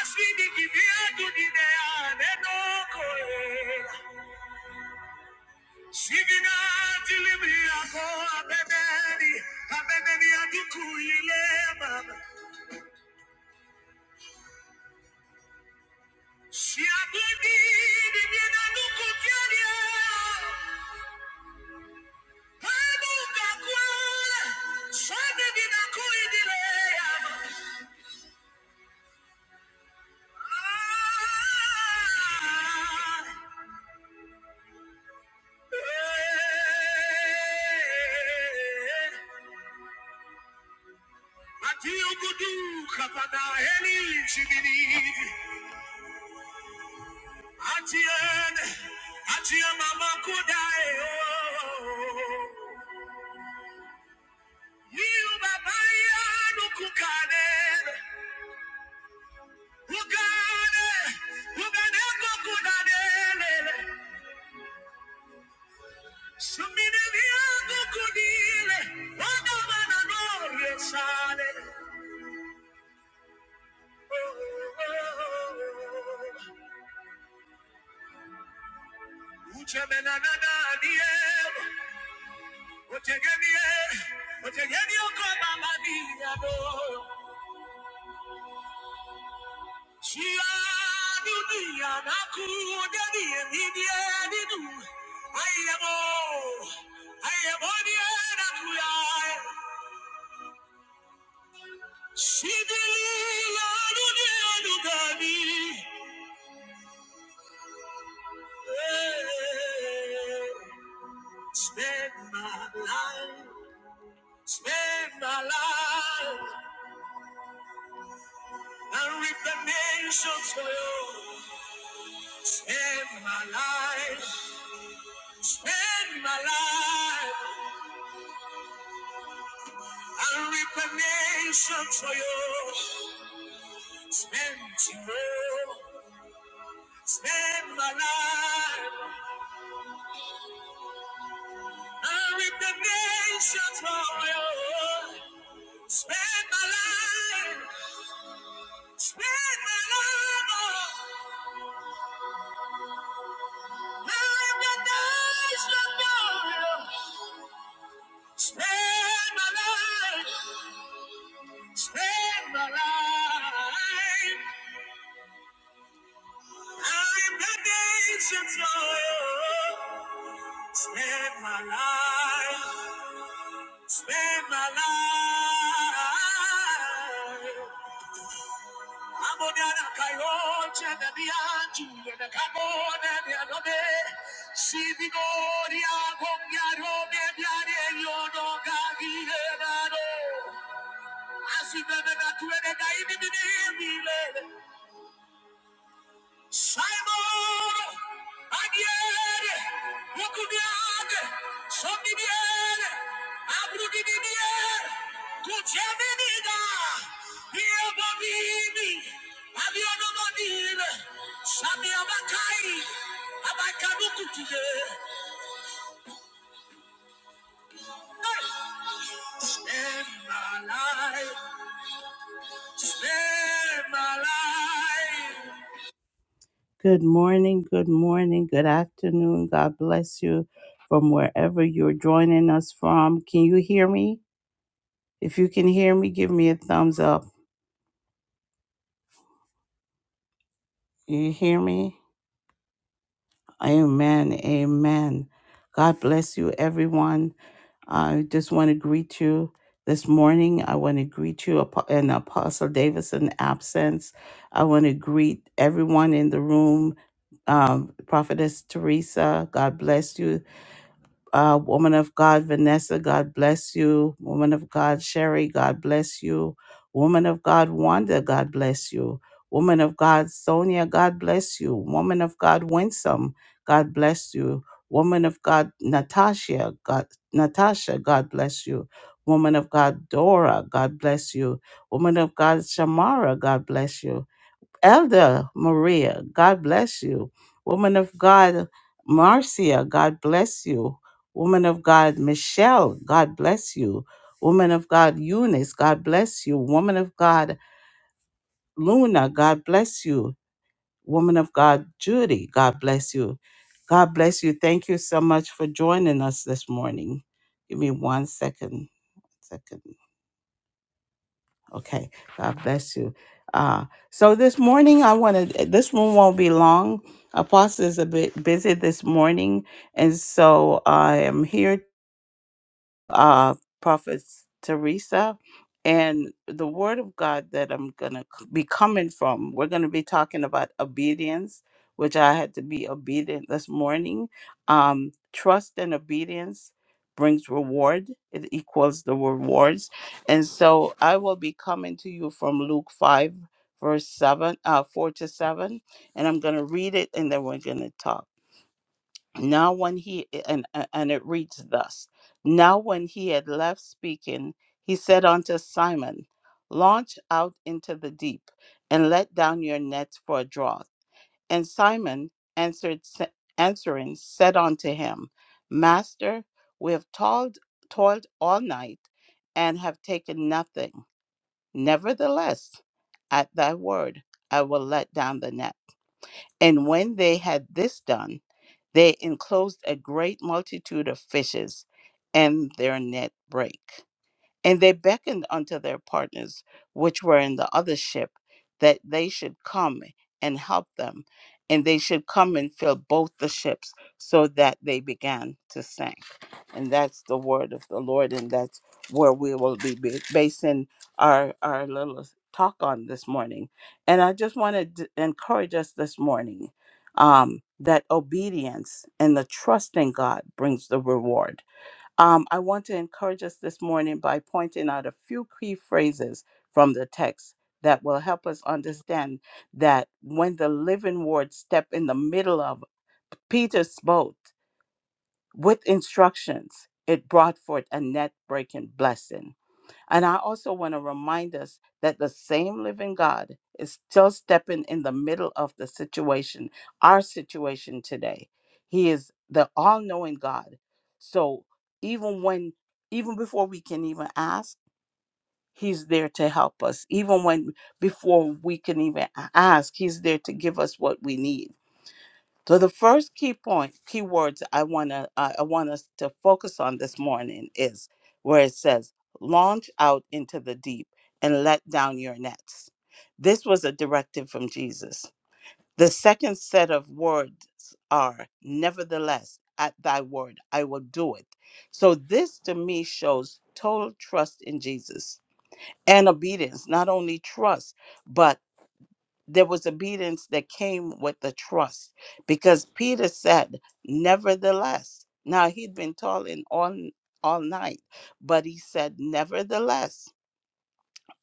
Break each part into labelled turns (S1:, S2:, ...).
S1: Asidi kibiatu dineane nokoela Sivina dilimi yako abebeni, abebeni ya duku ile baba. Si abudi dimye na duku kiadia. Hebu kakwele, sote dina kuidile ya Ah, eh, ati ugudu kapana heli chibini. Atiene, atie mama kudai oh. Niu baba yanu kukane, ukane ugane kukudadele. Sumine viago kudile, wago mana nore sale. Oh, oh, oh. Uche menana nadie, uche otegenie, otegenie mama diado. Chiadunia nakuja die midieni du. Ayabo, ayabo die nakuya. Shidilia dunia dugani. Hey, Spend my life, spend my life, and reap the nations for you. Spend my life, spend my life. I'll reap the nation for you. Spend you. Spend my life. I'll reap the nation for you. Spend my life. Spend my life. Oh, I'll reap the nation for you. Spend my life. Spend my life. I'll reap the nation for you. Spend my life. Spend my life. Amoniana kayoche de bianchi de kamone the adobe. Si vigoria gongyaro me biare yo no gagire daro. Asi bebe na tuene gaini bine bile. Simon, Adiere, Lukubiade, Sommibiere, Abrudibiere, Tuceminida, Iababini, Abionomadile, Samiabakai, Abakadukutude. Spend my life, spend my life. Good morning, good morning, good afternoon. God bless you from wherever you're joining us from. Can you hear me? If you can hear me, give me a thumbs up. You hear me? Amen, amen. God bless you, everyone. I just want to greet you this morning. I want to greet you apo- in Apostle Davidson absence. I want to greet everyone in the room. Um, Prophetess Teresa, God bless you uh, woman of God, Vanessa, God bless you. Woman of God, Sherry, God bless you. Woman of God, Wanda, God bless you. Woman of God, Sonia, God bless you. Woman of God, Winsome, God bless you. Woman of God, Natasha, God, Natasha, God bless you. Woman of God, Dora, God bless you. Woman of God, Shamara, God bless you. Elder Maria, God bless you. Woman of God, Marcia, God bless you. Woman of God, Michelle, God bless you. Woman of God, Eunice, God bless you. Woman of God, Luna, God bless you. Woman of God, Judy, God bless you. God bless you. Thank you so much for joining us this morning. Give me one second. Second. Okay. God bless you. Uh, so this morning, I want to, this room won't be long. Apostle is a bit busy this morning. And so I am here uh, Prophet Teresa. And the word of God that I'm going to be coming from, we're going to be talking about obedience, which I had to be obedient this morning. Um, trust and obedience brings reward, it equals the rewards. And so I will be coming to you from Luke 5, verse 7, uh, 4 to 7. And I'm going to read it and then we're going to talk. Now, when he, and, and and it reads thus Now, when he had left speaking, he said unto Simon, Launch out into the deep, and let down your nets for a draught. And Simon answered, sa- answering, said unto him, Master, we have toiled, toiled all night, and have taken nothing. Nevertheless, at thy word, I will let down the net. And when they had this done, they enclosed a great multitude of fishes, and their net brake. And they beckoned unto their partners, which were in the other ship, that they should come and help them, and they should come and fill both the ships, so that they began to sink. And that's the word of the Lord, and that's where we will be ba- basing our our little talk on this morning. And I just want to encourage us this morning um, that obedience and the trusting God brings the reward um, I want to encourage us this morning by pointing out a few key phrases from the text that will help us understand that when the living word stepped in the middle of Peter's boat with instructions, it brought forth a net breaking blessing. And I also want to remind us that the same living God is still stepping in the middle of the situation, our situation today. He is the all knowing God. So even when, even before we can even ask, He's there to help us. Even when, before we can even a- ask, He's there to give us what we need. So the first key point, key words I wanna I I want us to focus on this morning is where it says, "Launch out into the deep and let down your nets." This was a directive from Jesus. The second set of words are, "Nevertheless, at thy word I will do it." So this to me shows total trust in Jesus and obedience, not only trust, but there was obedience that came with the trust because Peter said, Nevertheless, now he'd been toiling all, all night, but he said, Nevertheless,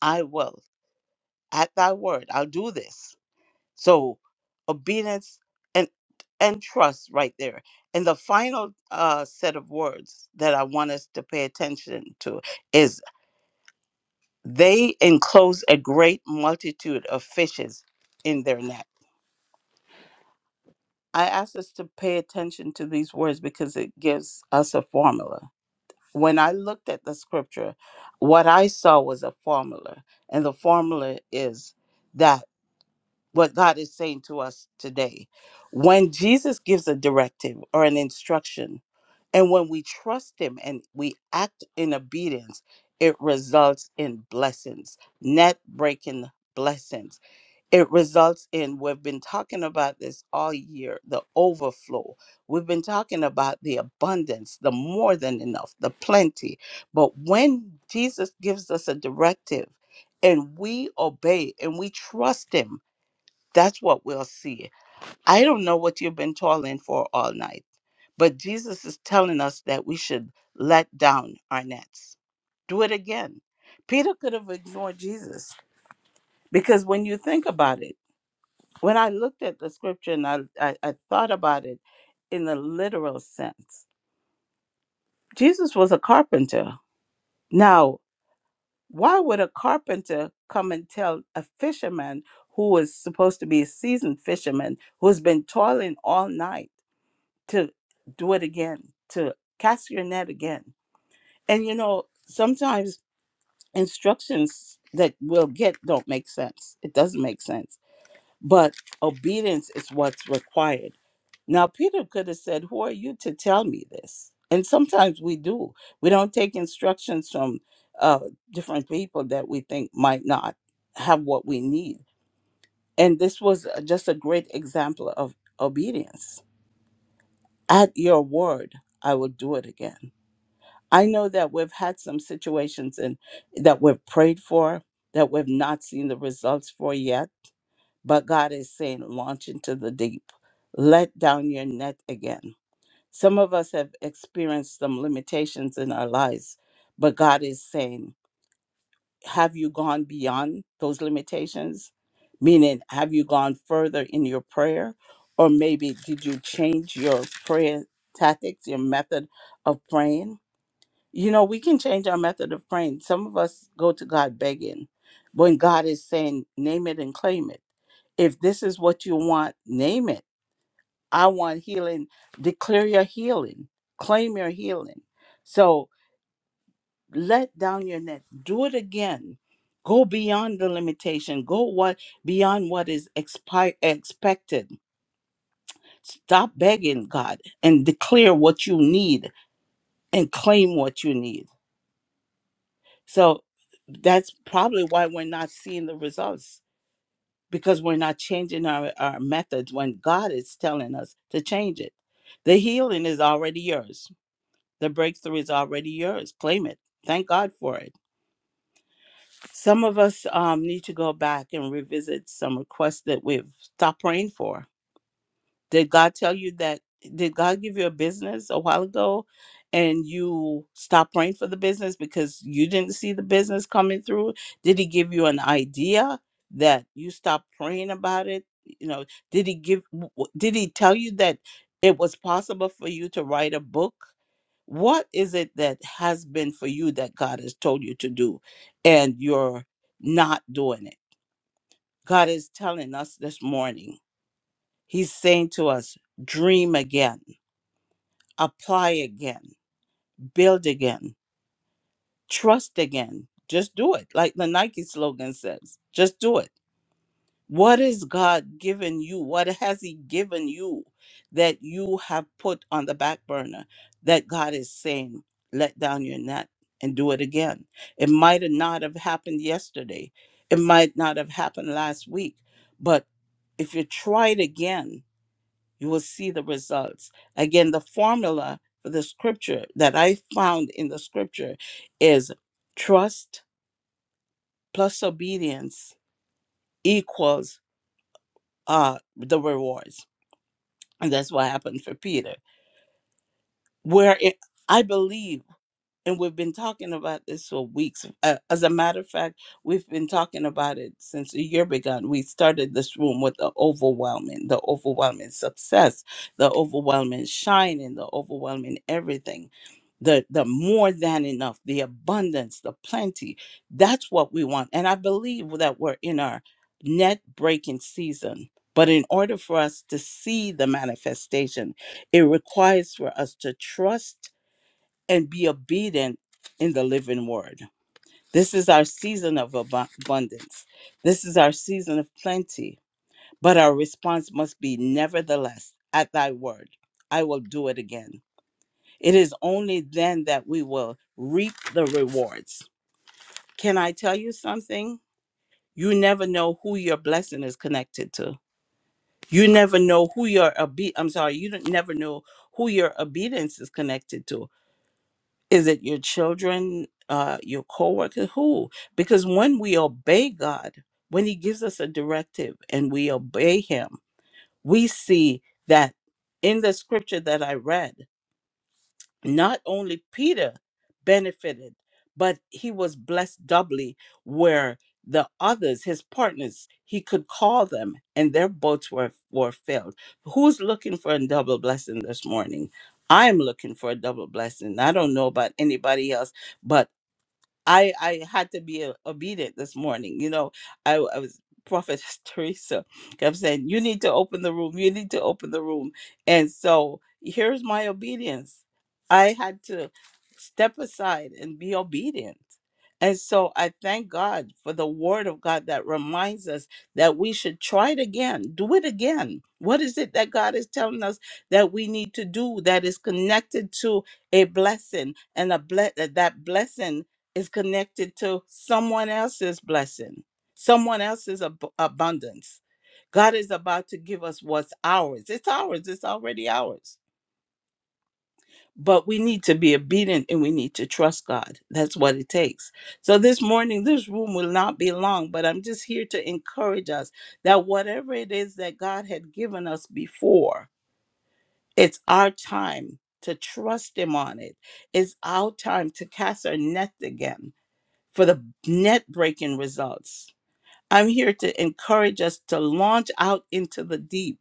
S1: I will at thy word, I'll do this. So, obedience and and trust right there. And the final uh, set of words that I want us to pay attention to is they enclose a great multitude of fishes in their net I asked us to pay attention to these words because it gives us a formula. When I looked at the scripture, what I saw was a formula, and the formula is that what God is saying to us today. When Jesus gives a directive or an instruction, and when we trust Him and we act in obedience, it results in blessings, net breaking blessings it results in we've been talking about this all year the overflow we've been talking about the abundance the more than enough the plenty but when jesus gives us a directive and we obey and we trust him that's what we'll see i don't know what you've been toiling for all night but jesus is telling us that we should let down our nets do it again peter could have ignored jesus because when you think about it when I looked at the scripture and I, I, I thought about it in the literal sense, Jesus was a carpenter. Now, why would a carpenter come and tell a fisherman who was supposed to be a seasoned fisherman who's been toiling all night to do it again, to cast your net again? And you know, sometimes instructions that we'll get don't make sense. It doesn't make sense. But obedience is what's required Now, Peter could have said, Who are you to tell me this? And sometimes we do. We don't take instructions from uh, different people that we think might not have what we need. And this was a- just a great example of obedience. At your word, I will do it again. I know that we've had some situations and that we've prayed for that we've not seen the results for yet, but God is saying, launch into the deep, let down your net again Some of us have experienced some limitations in our lives, but God is saying, Have you gone beyond those limitations? Meaning, have you gone further in your prayer? Or maybe did you change your prayer tactics, your method of praying? You know, we can change our method of praying. Some of us go to God begging when God is saying, Name it and claim it. If this is what you want, name it I want healing. Declare your healing. Claim your healing. So let down your net. Do it again. Go beyond the limitation. Go what beyond what is expi- expected. Stop begging God and declare what you need and claim what you need. So that's probably why we're not seeing the results because we're not changing our, our methods when God is telling us to change it. The healing is already yours The breakthrough is already yours. Claim it. Thank God for it. Some of us um, need to go back and revisit some requests that we've stopped praying for. Did God tell you that? Did God give you a business a while ago and you stopped praying for the business because you didn't see the business coming through? Did He give you an idea that you stopped praying about it? You know, did He give, w- w- did He tell you that it was possible for you to write a book? What is it that has been for you that God has told you to do and you're not doing it? God is telling us this morning He's saying to us, dream again, apply again, build again, trust again. Just do it. Like the Nike slogan says, just do it. What has God given you? What has He given you that you have put on the back burner that God is saying, let down your net and do it again? It might have not have happened yesterday. It might not have happened last week, but if you try it again, you will see the results. Again, the formula for the scripture that I found in the scripture is trust plus obedience equals uh, the rewards. And that's what happened for Peter. Where it, I believe and we've been talking about this for weeks. Uh, as a matter of fact, we've been talking about it since the year began. We started this room with the overwhelming, the overwhelming success, the overwhelming shining, the overwhelming everything, the the more than enough, the abundance, the plenty. That's what we want, and I believe that we're in our net breaking season. But in order for us to see the manifestation, it requires for us to trust and be obedient in the living word. This is our season of abu- abundance. This is our season of plenty. But our response must be, Nevertheless, at thy word, I will do it again. It is only then that we will reap the rewards. Can I tell you something? You never know who your blessing is connected to. You never know who your obe- I'm sorry, you don't never know who your obedience is connected to Is it your children, uh, your coworker? Who? Because when we obey God, when He gives us a directive and we obey Him, we see that in the scripture that I read not only Peter benefited, but he was blessed doubly, where the others, his partners, he could call them and their boats were, were filled. Who's looking for a double blessing this morning? I'm looking for a double blessing. I don't know about anybody else, but I I had to be uh, obedient this morning. You know, I, w- I was Prophet Teresa kept saying, "You need to open the room. You need to open the room." And so here's my obedience. I had to step aside and be obedient. And so I thank God for the word of God that reminds us that we should try it again, do it again. What is it that God is telling us that we need to do that is connected to a blessing and a ble- that blessing is connected to someone else's blessing, someone else's ab- abundance. God is about to give us what's ours. It's ours, it's already ours. But we need to be obedient and we need to trust God. That's what it takes. So this morning, this room will not be long, but I'm just here to encourage us that whatever it is that God had given us before, it's our time to trust Him on it. It's our time to cast our net again for the net breaking results. I'm here to encourage us to launch out into the deep.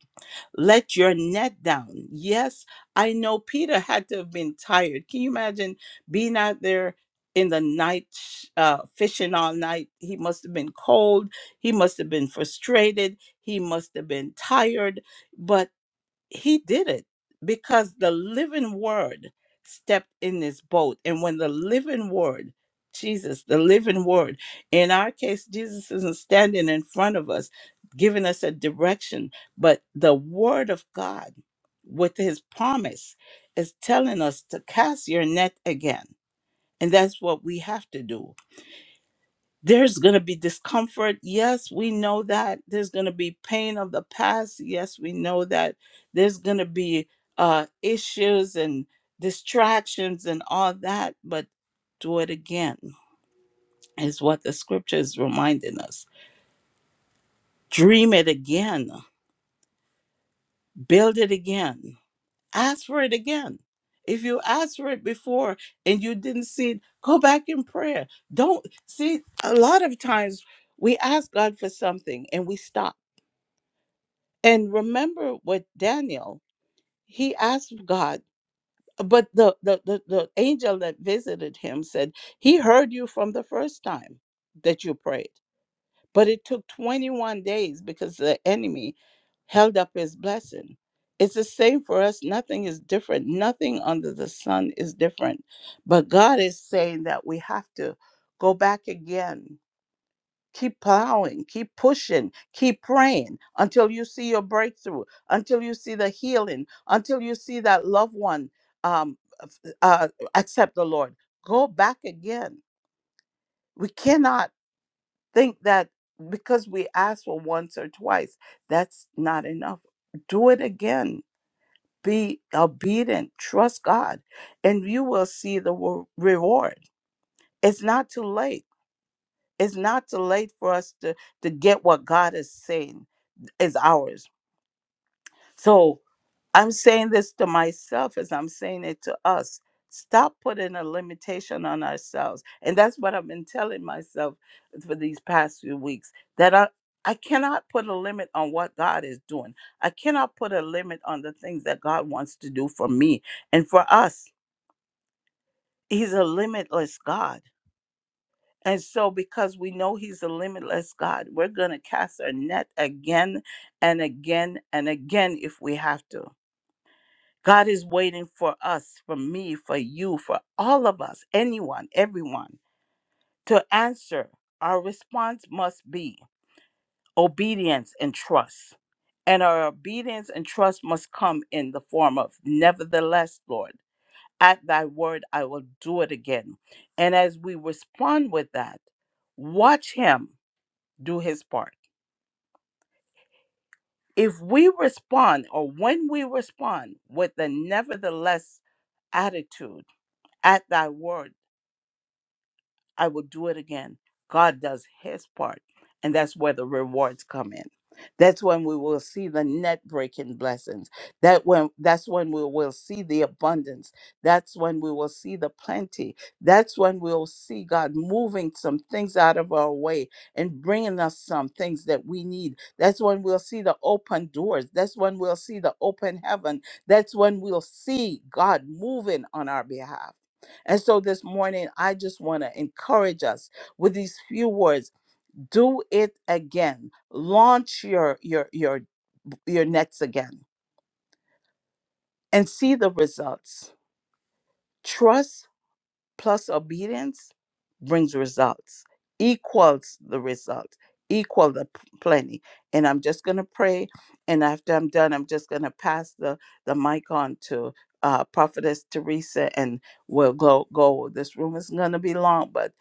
S1: Let your net down. Yes, I know Peter had to have been tired. Can you imagine being out there in the night, uh, fishing all night? He must have been cold. He must have been frustrated. He must have been tired. But he did it because the living word stepped in this boat and when the living word jesus the living word in our case jesus isn't standing in front of us giving us a direction but the word of god with his promise is telling us to cast your net again and that's what we have to do there's going to be discomfort. Yes, we know that. There's going to be pain of the past. Yes, we know that. There's going to be uh, issues and distractions and all that, but do it again, is what the scripture is reminding us. Dream it again, build it again, ask for it again. If you asked for it before and you didn't see it, go back in prayer. Don't see a lot of times we ask God for something and we stop And remember with Daniel, he asked God, but the, the, the, the angel that visited him said, He heard you from the first time that you prayed. But it took 21 days because the enemy held up his blessing. It's the same for us. Nothing is different. Nothing under the sun is different. But God is saying that we have to go back again Keep plowing, keep pushing, keep praying until you see your breakthrough, until you see the healing, until you see that loved one um, f- uh, accept the Lord. Go back again. We cannot think that because we asked for once or twice, that's not enough. Do it again. Be obedient. Trust God, and you will see the wo- reward. It's not too late. It's not too late for us to, to get what God is saying is ours. So I'm saying this to myself as I'm saying it to us. Stop putting a limitation on ourselves. And that's what I've been telling myself for these past few weeks that I, I cannot put a limit on what God is doing. I cannot put a limit on the things that God wants to do for me and for us. He's a limitless God. And so, because we know He's a limitless God, we're going to cast our net again and again and again if we have to God is waiting for us, for me, for you, for all of us, anyone, everyone, to answer. Our response must be obedience and trust. And our obedience and trust must come in the form of, nevertheless, Lord, at thy word I will do it again. And as we respond with that, watch him do his part. If we respond, or when we respond with the nevertheless attitude, at thy word. I will do it again. God does his part. And that's where the rewards come in. That's when we will see the net breaking blessings. That when that's when we will see the abundance. That's when we will see the plenty. That's when we'll see God moving some things out of our way and bringing us some things that we need. That's when we'll see the open doors. That's when we'll see the open heaven. That's when we'll see God moving on our behalf. And so this morning, I just want to encourage us with these few words. Do it again. Launch your your your your nets again and see the results. Trust plus obedience brings results, equals the results, equal the p- plenty. And I'm just going to pray. And after I'm done, I'm just going to pass the, the mic on to uh, Prophetess Teresa and we'll go, go. This room is going to be long, but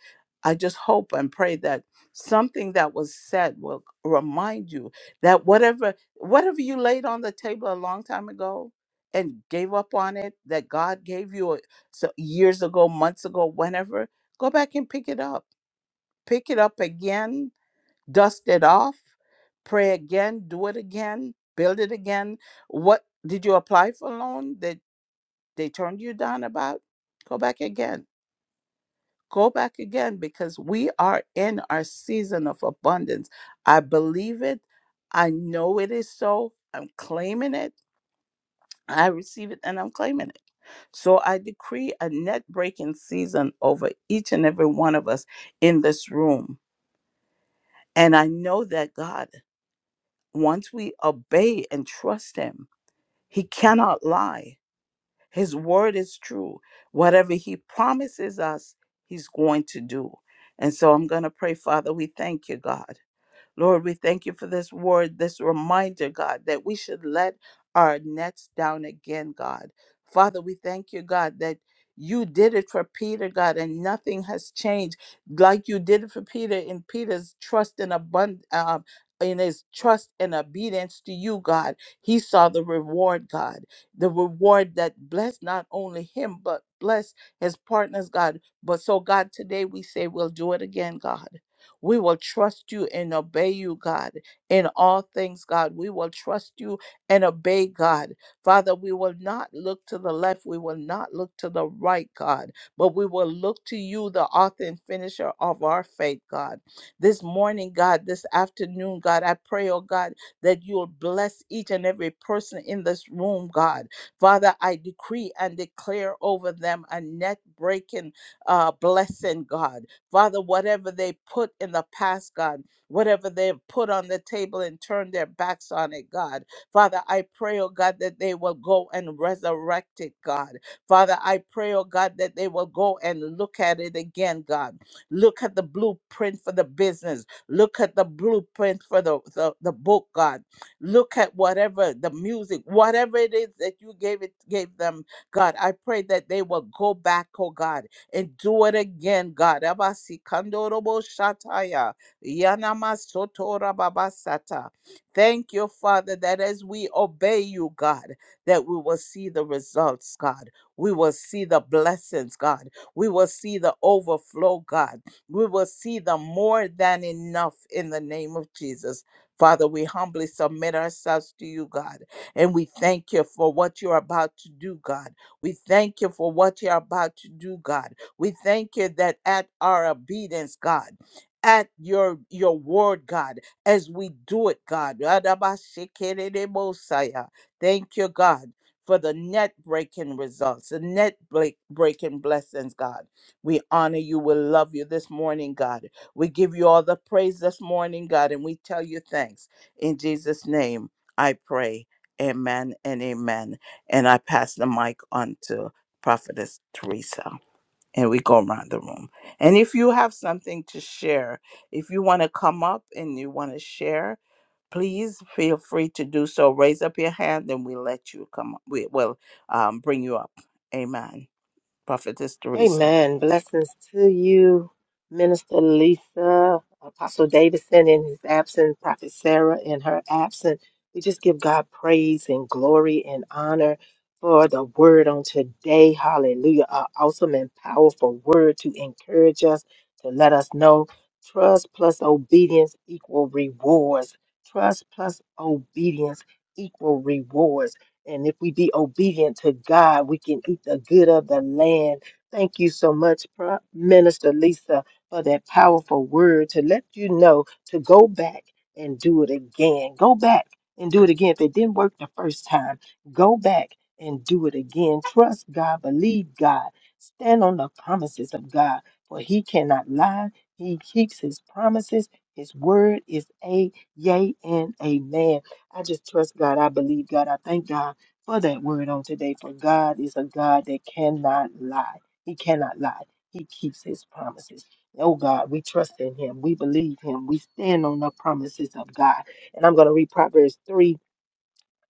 S1: I just hope and pray that something that was said will remind you that whatever whatever you laid on the table a long time ago and gave up on it that God gave you so years ago, months ago, whenever, go back and pick it up. Pick it up again, dust it off, pray again, do it again, build it again. What did you apply for a loan that they turned you down about? Go back again. Go back again because we are in our season of abundance. I believe it. I know it is so. I'm claiming it. I receive it and I'm claiming it. So I decree a net breaking season over each and every one of us in this room. And I know that God, once we obey and trust Him, He cannot lie. His word is true. Whatever He promises us, He's going to do. And so I'm going to pray, Father, we thank you, God. Lord, we thank you for this word, this reminder, God, that we should let our nets down again, God. Father, we thank you, God, that you did it for Peter, God, and nothing has changed. Like you did it for Peter in Peter's trust and abundance. Um, in his trust and obedience to you, God, he saw the reward, God, the reward that blessed not only him, but blessed his partners, God. But so, God, today we say we'll do it again, God. We will trust you and obey you, God, in all things, God. We will trust you and obey, God. Father, we will not look to the left. We will not look to the right, God, but we will look to you, the author and finisher of our faith, God. This morning, God, this afternoon, God, I pray, oh God, that you'll bless each and every person in this room, God. Father, I decree and declare over them a net breaking uh, blessing, God. Father, whatever they put in the past, God, whatever they've put on the table and turned their backs on it, God. Father, I pray, oh God, that they will go and resurrect it, God. Father, I pray, oh God, that they will go and look at it again, God. Look at the blueprint for the business. Look at the blueprint for the, the, the book, God. Look at whatever the music, whatever it is that you gave it gave them, God. I pray that they will go back, oh God and do it again, God. Abasi kandorobo shataya, yanamasotora babasata. Thank you, Father, that as we obey you, God, that we will see the results, God. We will see the blessings, God. We will see the overflow, God. We will see the more than enough in the name of Jesus. Father, we humbly submit ourselves to you, God, and we thank you for what you're about to do, God. We thank you for what you're about to do, God. We thank you that at our obedience, God, at your your word, God, as we do it, God. Radabashikiridibosaya. Thank you, God, for the net breaking results, the net break- breaking blessings, God. We honor you. We love you this morning, God. We give you all the praise this morning, God, and we tell you thanks. In Jesus' name, I pray. Amen and amen. And I pass the mic on to Prophetess Teresa and we go around the room. And if you have something to share, if you want to come up and you want to share, please feel free to do so. Raise up your hand and we let you come up. We will um, bring you up. Amen. Prophetess Teresa.
S2: Amen. Blessings to you, Minister Lisa, Apostle Davidson in his absence, Prophet Sarah in her absence. We just give God praise and glory and honor for the word on today. Hallelujah. An awesome and powerful word to encourage us, to let us know trust plus obedience equal rewards. Trust plus obedience equal rewards. And if we be obedient to God, we can eat the good of the land Thank you so much, Pro- Minister Lisa, for that powerful word to let you know to go back and do it again. Go back and do it again. If it didn't work the first time, go back and do it again. Trust God, believe God, stand on the promises of God, for He cannot lie. He keeps His promises. His word is a yea and amen. I just trust God. I believe God. I thank God for that word on today, for God is a God that cannot lie. He cannot lie. He keeps his promises. Oh God, we trust in him. We believe him. We stand on the promises of God. And I'm going to read Proverbs 3:19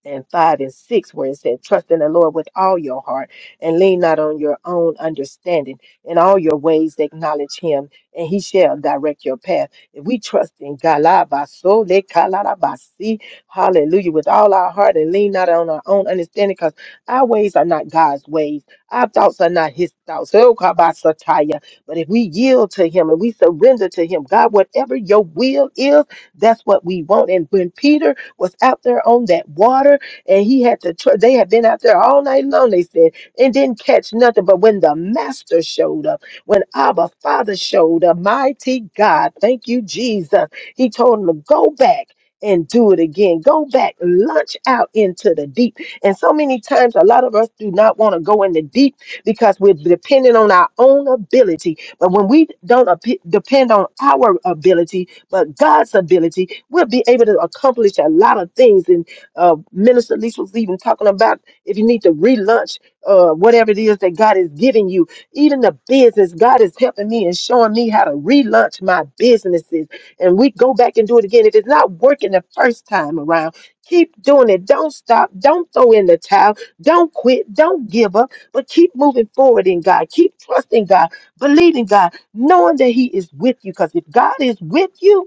S2: and 5 and 6, where it said, Trust in the Lord with all your heart and lean not on your own understanding. In all your ways, acknowledge him, and he shall direct your path. If we trust in God, la ba so le ka la la ba si, hallelujah, with all our heart and lean not on our own understanding, because our ways are not God's ways. Our thoughts are not his thoughts. Oh, ka ba sa ta ya. But if we yield to him and we surrender to him, God, whatever your will is, that's what we want. And when Peter was out there on that water, and he had to. Tr- they had been out there all night long. They said and didn't catch nothing. But when the Master showed up, when Abba Father showed up, mighty God, thank you, Jesus. He told him to go back. And do it again. Go back, launch out into the deep. And so many times, a lot of us do not want to go in the deep because we're dependent on our own ability. But when we don't ap- depend on our ability, but God's ability, we'll be able to accomplish a lot of things. And uh, Minister Lisa was even talking about if you need to relaunch uh, whatever it is that God is giving you, even the business, God is helping me and showing me how to relaunch my businesses. And we go back and do it again. If it's not working the first time around, keep doing it. Don't stop. Don't throw in the towel. Don't quit. Don't give up, but keep moving forward in God. Keep trusting God, believing God knowing that He is with you. Because if God is with you,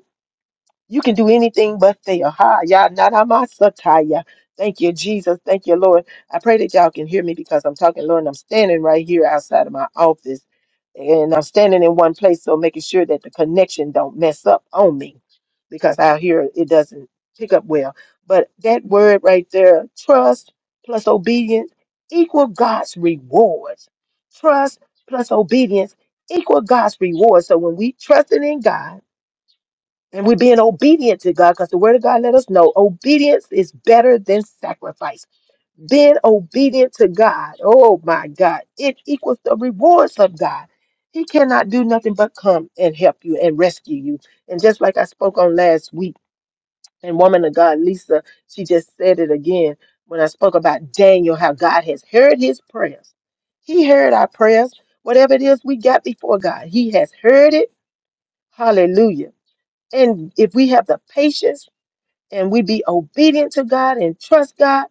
S2: you can do anything but fail. Ha, ya, nanamasataya. Thank you, Jesus. Thank you, Lord. I pray that y'all can hear me because I'm talking, Lord, and I'm standing right here outside of my office. And I'm standing in one place, so making sure that the connection don't mess up on me because out here it doesn't pick up well. But that word right there, trust plus obedience equal God's rewards. Trust plus obedience equal God's rewards. So when we trusted in God, and we're being obedient to God because the word of God let us know obedience is better than sacrifice. Being obedient to God, oh my God, it equals the rewards of God. He cannot do nothing but come and help you and rescue you. And just like I spoke on last week, and woman of God, Lisa, she just said it again when I spoke about Daniel, how God has heard his prayers. He heard our prayers, whatever it is we got before God, He has heard it. Hallelujah. And if we have the patience, and we be obedient to God and trust God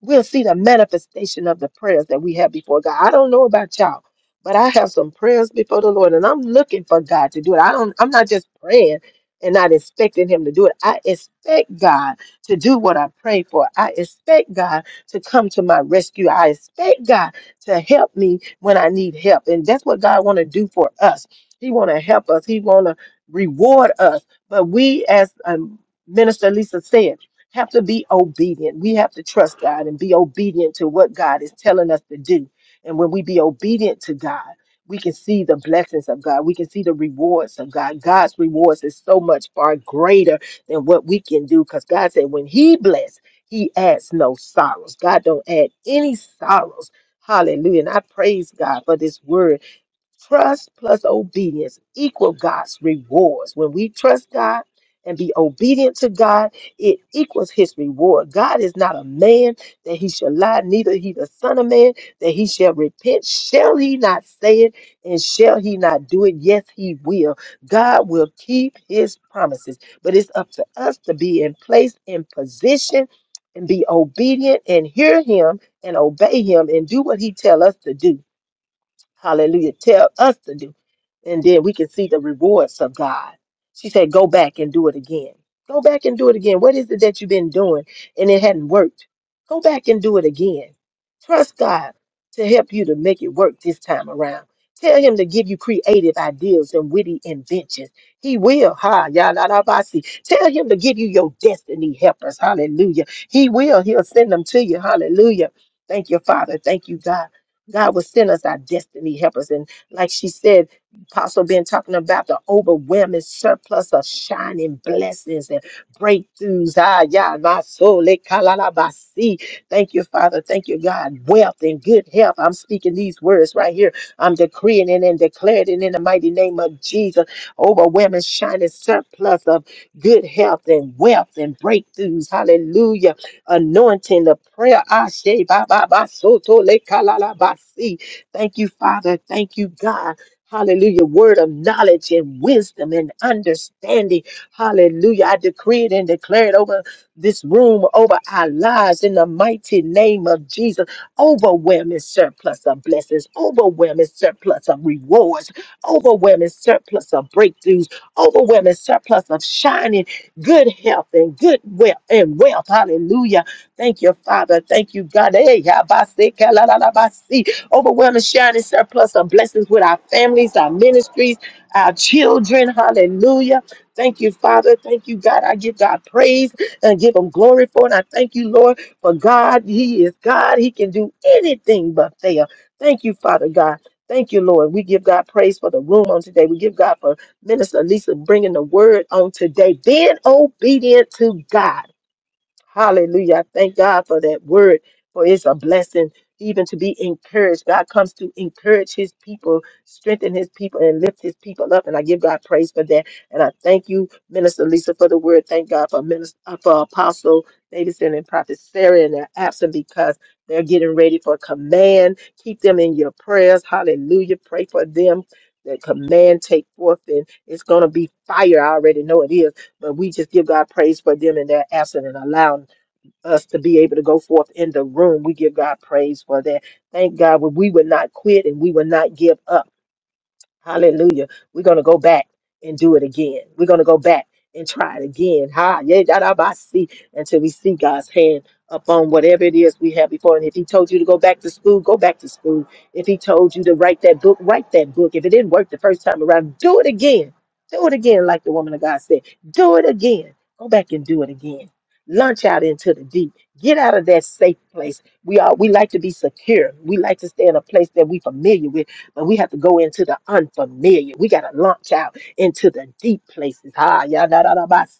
S2: we'll see the manifestation of the prayers that we have before God. I don't know about y'all, but I have some prayers before the Lord, and I'm looking for God to do it. I don't. I'm not just praying and not expecting Him to do it. I expect God to do what I pray for. I expect God to come to my rescue. I expect God to help me when I need help, and that's what God want to do for us. He want to help us. He want to reward us. But we, as um, Minister Lisa said have to be obedient. We have to trust God and be obedient to what God is telling us to do. And when we be obedient to God, we can see the blessings of God. We can see the rewards of God. God's rewards is so much far greater than what we can do because God said when He bless, He adds no sorrows. God don't add any sorrows. Hallelujah. And I praise God for this word Trust plus obedience equal God's rewards. When we trust God and be obedient to God, it equals his reward. God is not a man that he shall lie, neither he the son of man that he shall repent. Shall he not say it and shall he not do it? Yes, he will. God will keep his promises, but it's up to us to be in place in position and be obedient and hear him and obey him and do what he tell us to do Hallelujah. Tell us to do. And then we can see the rewards of God. She said, Go back and do it again. Go back and do it again. What is it that you've been doing and it hadn't worked? Go back and do it again. Trust God to help you to make it work this time around. Tell him to give you creative ideas and witty inventions. He will. Ha, ya la la ba, si. Tell him to give you your destiny helpers. Hallelujah. He will. He'll send them to you. Hallelujah. Thank you, Father. Thank you, God. God will send us our destiny helpers. And like she said, Apostle been talking about the overwhelming surplus of shining blessings and breakthroughs. Ah, yeah, my soul. eh, kalalabasi. Thank you, Father. Thank you, God. Wealth and good health. I'm speaking these words right here. I'm decreeing it and declaring it in the mighty name of Jesus. Overwhelming shining surplus of good health and wealth and breakthroughs. Hallelujah anointing, the prayer. Ashe, ba, ba, ba, soto, le, kalala, ba, si. Thank you, Father. Thank you, God. Hallelujah. Word of knowledge and wisdom and understanding. Hallelujah. I decree it and declare it over this room, over our lives in the mighty name of Jesus. Overwhelming surplus of blessings, overwhelming surplus of rewards, overwhelming surplus of breakthroughs, overwhelming surplus of shining good health and good wealth and wealth. Hallelujah. Thank you, Father. Thank you, God. Hey, yabase, kalalabasi. Overwhelming shining surplus of blessings with our families, our ministries, our children. Hallelujah. Thank you, Father. Thank you, God. I give God praise and give him glory for it. I thank you, Lord, for God. He is God. He can do anything but fail. Thank you, Father God. Thank you, Lord. We give God praise for the room on today. We give God for Minister Lisa bringing the word on today, being obedient to God. Hallelujah. I Thank God for that word, for it's a blessing even to be encouraged. God comes to encourage his people, strengthen his people, and lift his people up. And I give God praise for that. And I thank you, Minister Lisa, for the word. Thank God for Minister, uh, for Apostle Davidson and Prophet Sarah and their absent because they're getting ready for command. Keep them in your prayers. Hallelujah. Pray for them. That command take forth, and it's going to be fire. I already know it is but we just give God praise for them and their absence and allowing us to be able to go forth in the room. We give God praise for that. Thank God we we would not quit and we would not give up Hallelujah. We're going to go back and do it again. We're going to go back and try it again. Ha, yeah, da, da, ba, see, until we see God's hand upon whatever it is we have before. And if He told you to go back to school, go back to school. If He told you to write that book, write that book. If it didn't work the first time around, do it again. Do it again, like the woman of God said. Do it again. Go back and do it again. Launch out into the deep. Get out of that safe place. We are we like to be secure. We like to stay in a place that we're familiar with but we have to go into the unfamiliar. We got to launch out into the deep places. Ah,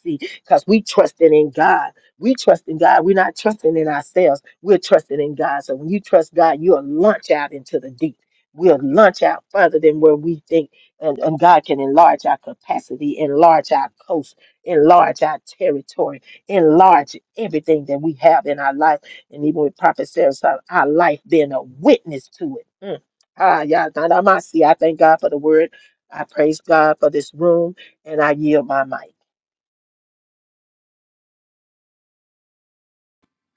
S2: because we trusting in God. We trust in God. We're not trusting in ourselves. We're trusting in God. So when you trust God, you'll launch out into the deep. We'll launch out further than where we think, and, and God can enlarge our capacity, enlarge our coast, enlarge our territory, enlarge everything that we have in our life. And even with Prophet Sarah, so our life being a witness to it. Mm Ah, yeah, Nandamasi. I thank God for the word. I praise God for this room and I yield my mic.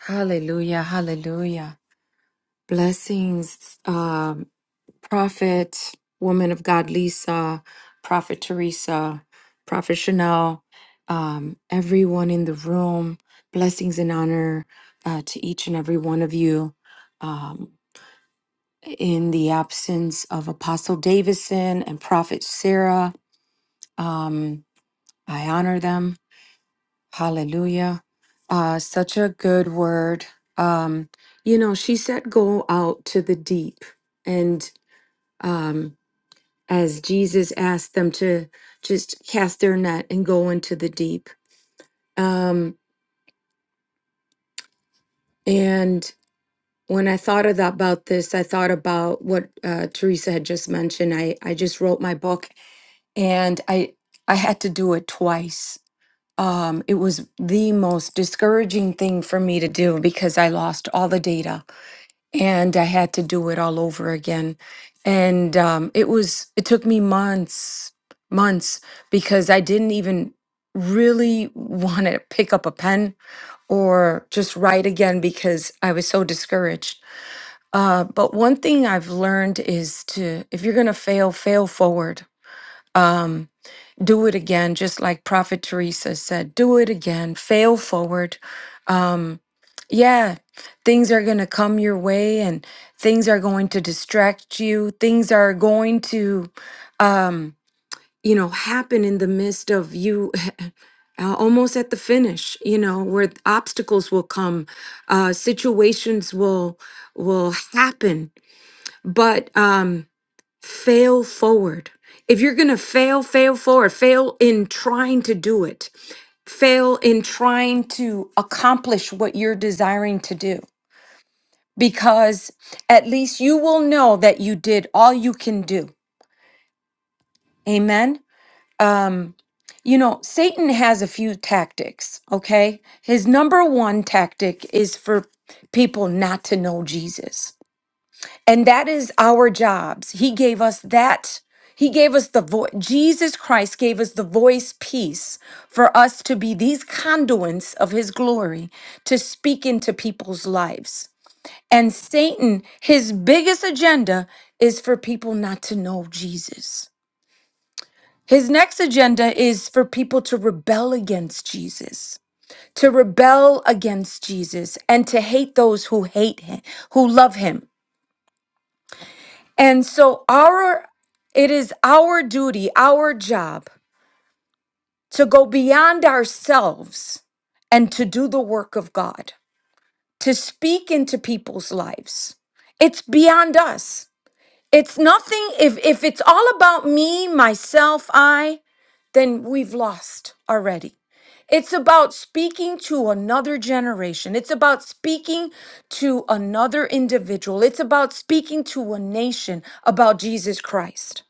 S3: Hallelujah, hallelujah. Blessings, um, Prophet, woman of God, Lisa, Prophet Teresa, Prophet Chanel, um, everyone in the room. Blessings and honor uh, to each and every one of you. Um, in the absence of Apostle Davison and Prophet Sarah, um, I honor them. Hallelujah. Uh, such a good word. Um, you know, she said, go out to the deep. And um, as Jesus asked them to just cast their net and go into the deep. Um, and when I thought of that, about this, I thought about what uh, Teresa had just mentioned. I, I just wrote my book and I, I had to do it twice um, it was the most discouraging thing for me to do because I lost all the data and I had to do it all over again. And um, it was, it took me months, months, because I didn't even really want to pick up a pen or just write again because I was so discouraged. Uh, but one thing I've learned is to, if you're going to fail, fail forward. Do it again, just like Prophet Teresa said, do it again, fail forward Yeah, things are going to come your way and things are going to distract you. Things are going to, um, you know, happen in the midst of you uh, almost at the finish, you know, where th- obstacles will come, uh, situations will will happen, but um fail forward. If you're going to fail, fail forward, fail in trying to do it. Fail in trying to accomplish what you're desiring to do because at least you will know that you did all you can do. Amen. Um, you know, Satan has a few tactics, okay? His number one tactic is for people not to know Jesus. And that is our jobs. He gave us that. He gave us the voice. Jesus Christ gave us the voice piece for us to be these conduits of his glory to speak into people's lives. And Satan, his biggest agenda is for people not to know Jesus. His next agenda is for people to rebel against Jesus, to rebel against Jesus and to hate those who hate him, who love him. And so our it is our duty, our job to go beyond ourselves and to do the work of God, to speak into people's lives. It's beyond us. It's nothing if if it's all about me, myself, I, then we've lost already. It's about speaking to another generation. It's about speaking to another individual. It's about speaking to a nation about Jesus Christ,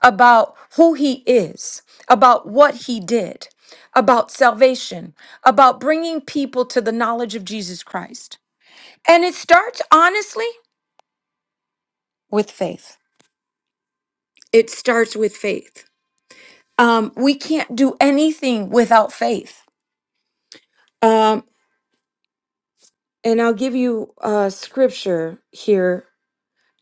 S3: about who he is, about what he did, about salvation, about bringing people to the knowledge of Jesus Christ. And it starts honestly with faith. It starts with faith. um, we can't do anything without faith. Um, and I'll give you uh, scripture here.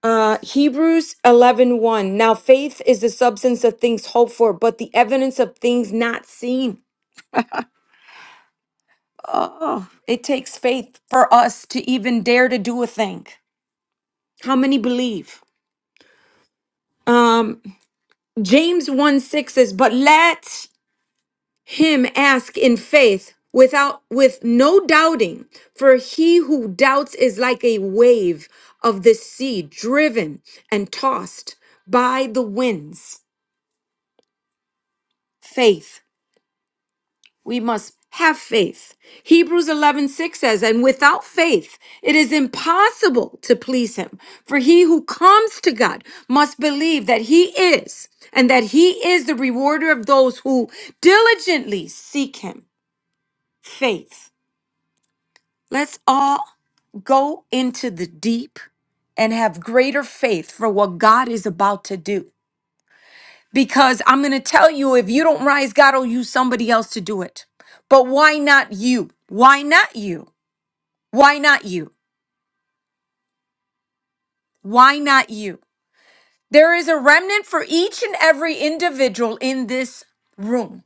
S3: Uh, Hebrews eleven one. Now faith is the substance of things hoped for, but the evidence of things not seen. Oh, it takes faith for us to even dare to do a thing. How many believe? Um, James 1, 6 says, But let him ask in faith without with no doubting for he who doubts is like a wave of the sea driven and tossed by the winds faith we must have faith hebrews 11 6 says and without faith it is impossible to please him for he who comes to god must believe that he is and that he is the rewarder of those who diligently seek him faith Let's all go into the deep and have greater faith for what God is about to do. Because I'm going to tell you if you don't rise, God will use somebody else to do it. But why not you? Why not you? Why not you? Why not you? There is a remnant for each and every individual in this room.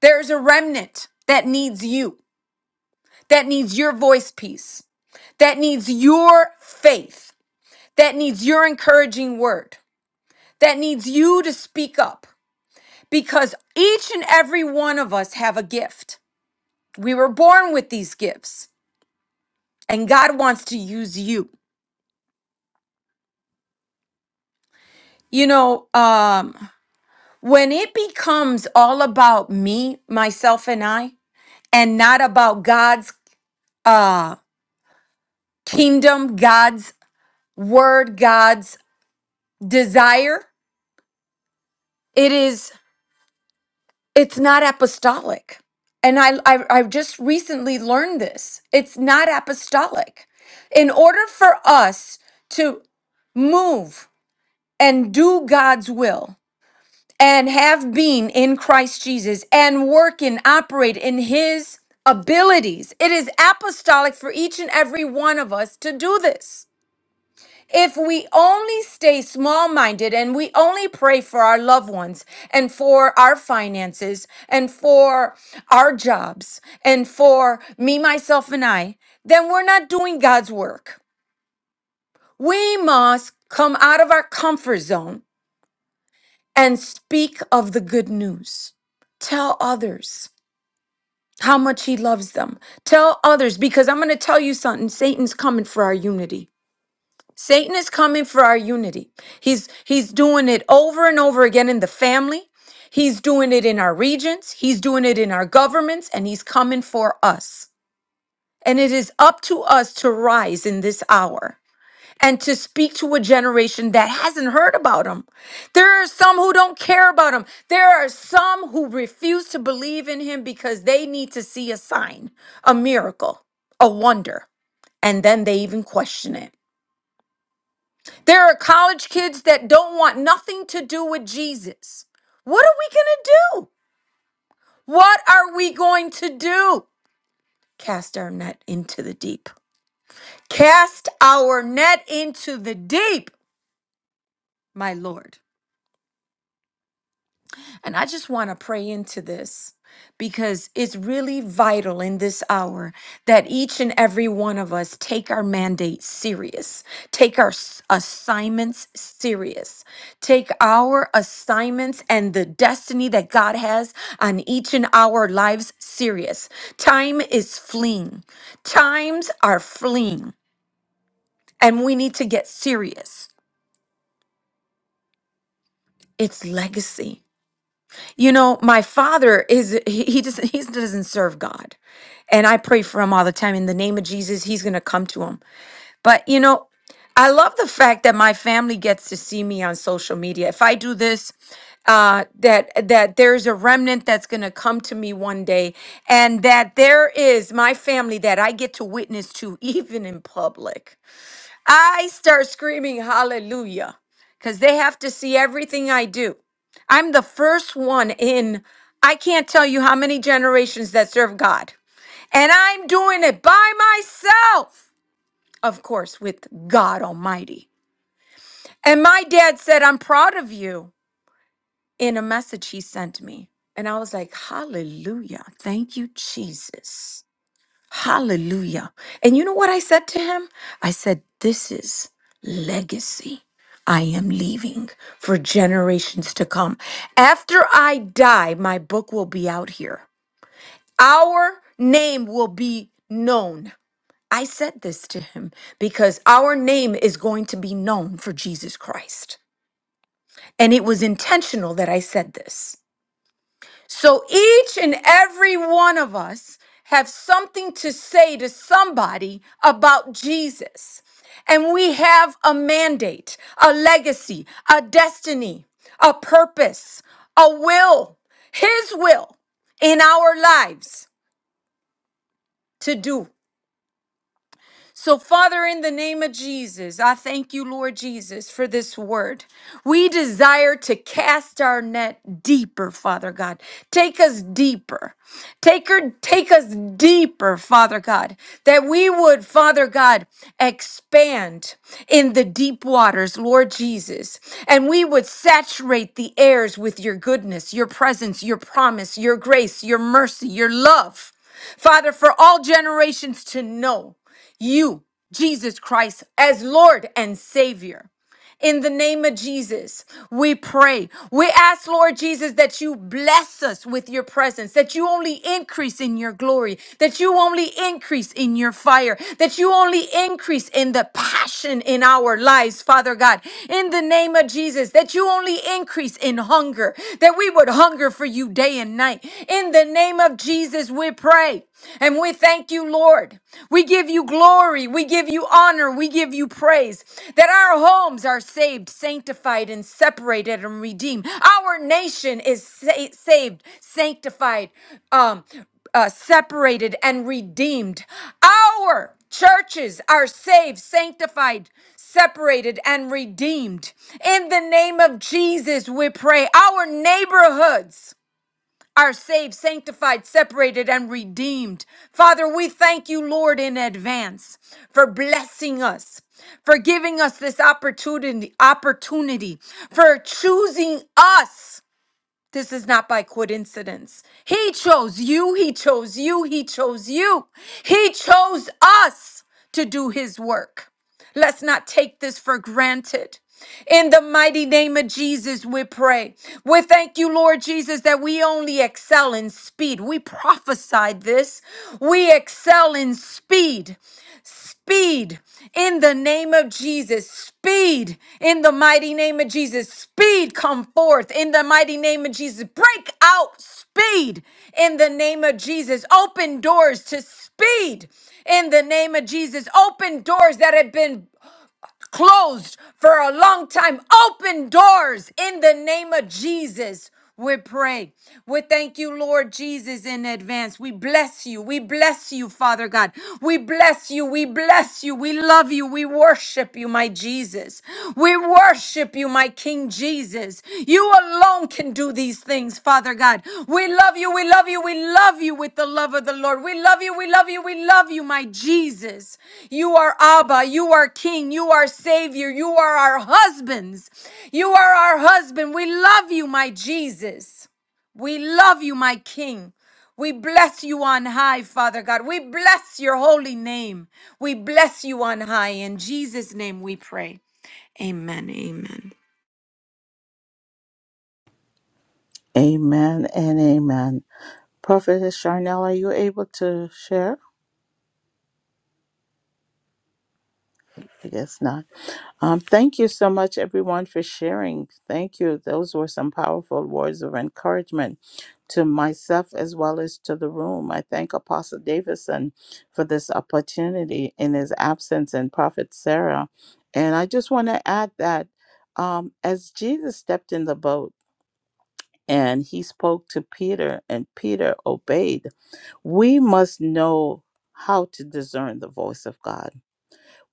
S3: There's a remnant that needs you, that needs your voice piece, that needs your faith, that needs your encouraging word. that needs you to speak up because each and every one of us have a gift. We were born with these gifts and God wants to use you. You know, um when it becomes all about me, myself and I and not about God's uh kingdom, God's word, God's desire, it is it's not apostolic and I, I i just recently learned this it's not apostolic in order for us to move and do god's will and have been in christ jesus and work and operate in his abilities it is apostolic for each and every one of us to do this if we only stay small minded and we only pray for our loved ones and for our finances and for our jobs and for me, myself, and I, then we're not doing God's work. We must come out of our comfort zone and speak of the good news. Tell others how much He loves them. Tell others, because I'm going to tell you something Satan's coming for our unity. Satan is coming for our unity. He's he's doing it over and over again in the family. He's doing it in our regions, he's doing it in our governments and he's coming for us. And it is up to us to rise in this hour and to speak to a generation that hasn't heard about him. There are some who don't care about him. There are some who refuse to believe in him because they need to see a sign, a miracle, a wonder, and then they even question it. There are college kids that don't want nothing to do with Jesus. What are we going to do? What are we going to do? Cast our net into the deep. Cast our net into the deep, my Lord. And I just want to pray into this because it's really vital in this hour that each and every one of us take our mandate serious, take our s- assignments serious, take our assignments and the destiny that God has on each and our lives serious. Time is fleeing. Times are fleeing and we need to get serious. It's legacy. You know, my father is he, he just he doesn't serve God. And I pray for him all the time in the name of Jesus, he's going to come to him. But you know, I love the fact that my family gets to see me on social media. If I do this, uh, that that there's a remnant that's going to come to me one day, and that there is my family that I get to witness to, even in public. I start screaming hallelujah because they have to see everything I do. I'm the first one in, I can't tell you how many generations that serve God. And I'm doing it by myself, of course, with God Almighty. And my dad said, I'm proud of you in a message he sent me. And I was like, hallelujah. Thank you, Jesus. Hallelujah. And you know what I said to him? I said, This is legacy. I am leaving for generations to come. After I die, my book will be out here. Our name will be known. I said this to him because our name is going to be known for Jesus Christ. And it was intentional that I said this. So each and every one of us have something to say to somebody about Jesus. And we have a mandate, a legacy, a destiny, a purpose, a will, His will in our lives to do. So, Father, in the name of Jesus, I thank you, Lord Jesus, for this word. We desire to cast our net deeper, Father God. Take us deeper. Take, her, take us deeper, Father God, that we would, Father God, expand in the deep waters, Lord Jesus, and we would saturate the airs with your goodness, your presence, your promise, your grace, your mercy, your love. Father, for all generations to know you, Jesus Christ, as Lord and Savior. In the name of Jesus, we pray. We ask, Lord Jesus, that you bless us with your presence, that you only increase in your glory, that you only increase in your fire, that you only increase in the passion in our lives, Father God. In the name of Jesus, that you only increase in hunger, that we would hunger for you day and night. In the name of Jesus, we pray. And we thank you, Lord. We give you glory. We give you honor. We give you praise that our homes are saved, sanctified, and separated and redeemed. Our nation is sa- saved, sanctified, um, uh, separated, and redeemed. Our churches are saved, sanctified, separated, and redeemed. In the name of Jesus, we pray. Our neighborhoods are saved, sanctified, separated, and redeemed. Father, we thank you, Lord, in advance for blessing us, for giving us this opportunity, opportunity, for choosing us. This is not by coincidence. He chose you, he chose you, he chose you. He chose us to do his work. Let's not take this for granted. In the mighty name of Jesus, we pray. We thank you, Lord Jesus, that we only excel in speed. We prophesied this. We excel in speed. Speed in the name of Jesus. Speed in the mighty name of Jesus. Speed come forth in the mighty name of Jesus. Break out speed in the name of Jesus. Open doors to speed speed in the name of Jesus. Open doors that have been closed for a long time. Open doors in the name of Jesus. We pray. We thank you, Lord Jesus, in advance. We bless you. We bless you, Father God. We bless you. We bless you. We love you. We worship you, my Jesus. We worship you, my King Jesus. You alone can do these things, Father God. We love you. We love you. We love you with the love of the Lord. We love you. We love you. We love you, my Jesus. You are Abba. You are King. You are Savior. You are our husbands. You are our husband. We love you, my Jesus. We love you, my King. We bless you on high, Father God. We bless your holy name. We bless you on high. In Jesus' name we pray. Amen. Amen.
S1: Amen and amen. Prophetess Charnel, are you able to share? I guess not. Um, thank you so much, everyone, for sharing. Thank you. Those were some powerful words of encouragement to myself as well as to the room. I thank Apostle Davidson for this opportunity in his absence and Prophet Sarah. And I just want to add that um, as Jesus stepped in the boat and he spoke to Peter, and Peter obeyed we must know how to discern the voice of God.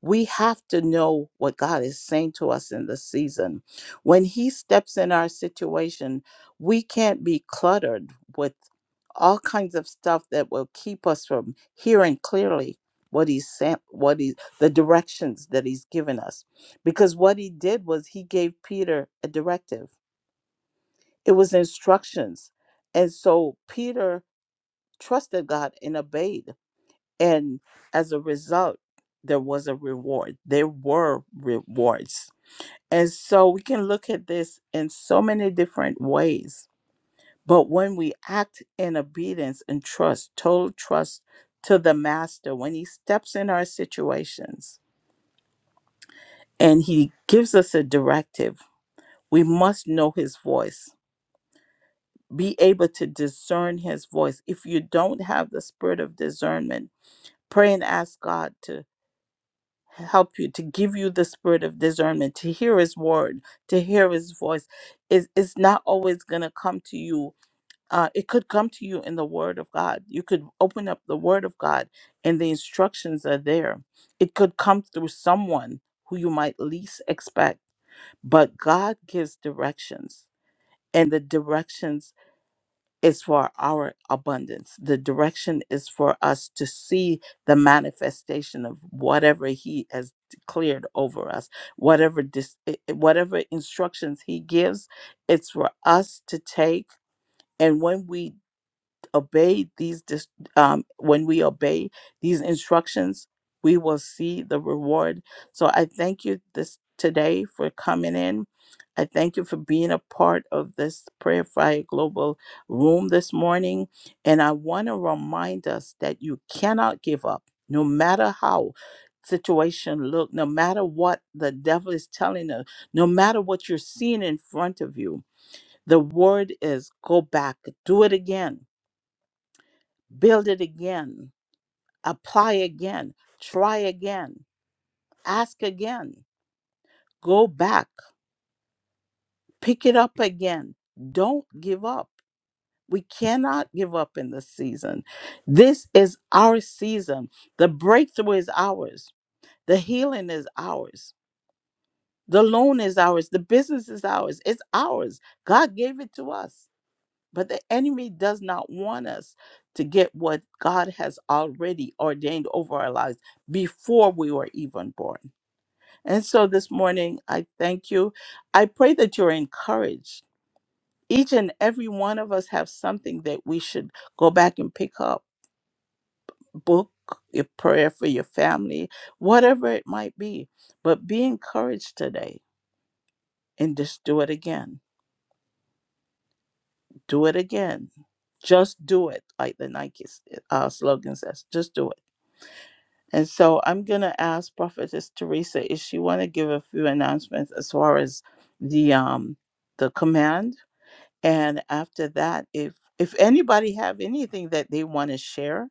S1: We have to know what God is saying to us in the season. When He steps in our situation, we can't be cluttered with all kinds of stuff that will keep us from hearing clearly what he's saying what he the directions that he's given us because what he did was he gave peter a directive it was instructions and so peter trusted god and obeyed and as a result, there was a reward. There were rewards. And so we can look at this in so many different ways. But when we act in obedience and trust, total trust to the master, when he steps in our situations and he gives us a directive, we must know his voice, be able to discern his voice. If you don't have the spirit of discernment, pray and ask God to help you to give you the spirit of discernment to hear his word to hear his voice is is not always going to come to you uh, it could come to you in the word of god you could open up the word of god and the instructions are there it could come through someone who you might least expect but god gives directions and the directions is for our abundance. The direction is for us to see the manifestation of whatever He has declared over us, whatever dis- i- i- whatever instructions He gives. It's for us to take. And when we obey these dis- um, when we obey these instructions we will see the reward so i thank you this today for coming in i thank you for being a part of this prayer fire global room this morning and i want to remind us that you cannot give up no matter how situation look no matter what the devil is telling us no matter what you're seeing in front of you the word is go back do it again build it again, apply again, try again, ask again, go back, pick it up again. Don't give up. We cannot give up in this season. This is our season. The breakthrough is ours, the healing is ours. The loan is ours. The business is ours. It's ours. God gave it to us. But the enemy does not want us to get what God has already ordained over our lives before we were even born. And so this morning, I thank you. I pray that you're encouraged. Each and every one of us have something that we should go back and pick up book, a prayer for your family, whatever it might be. But be encouraged today and just do it again. Do it again. Just do it, like the Nike s- uh, slogan says. Just do it And so I'm going to ask Prophetess Teresa if she want to give a few announcements as far as the um the command. And after that, if if anybody have anything that they want to share,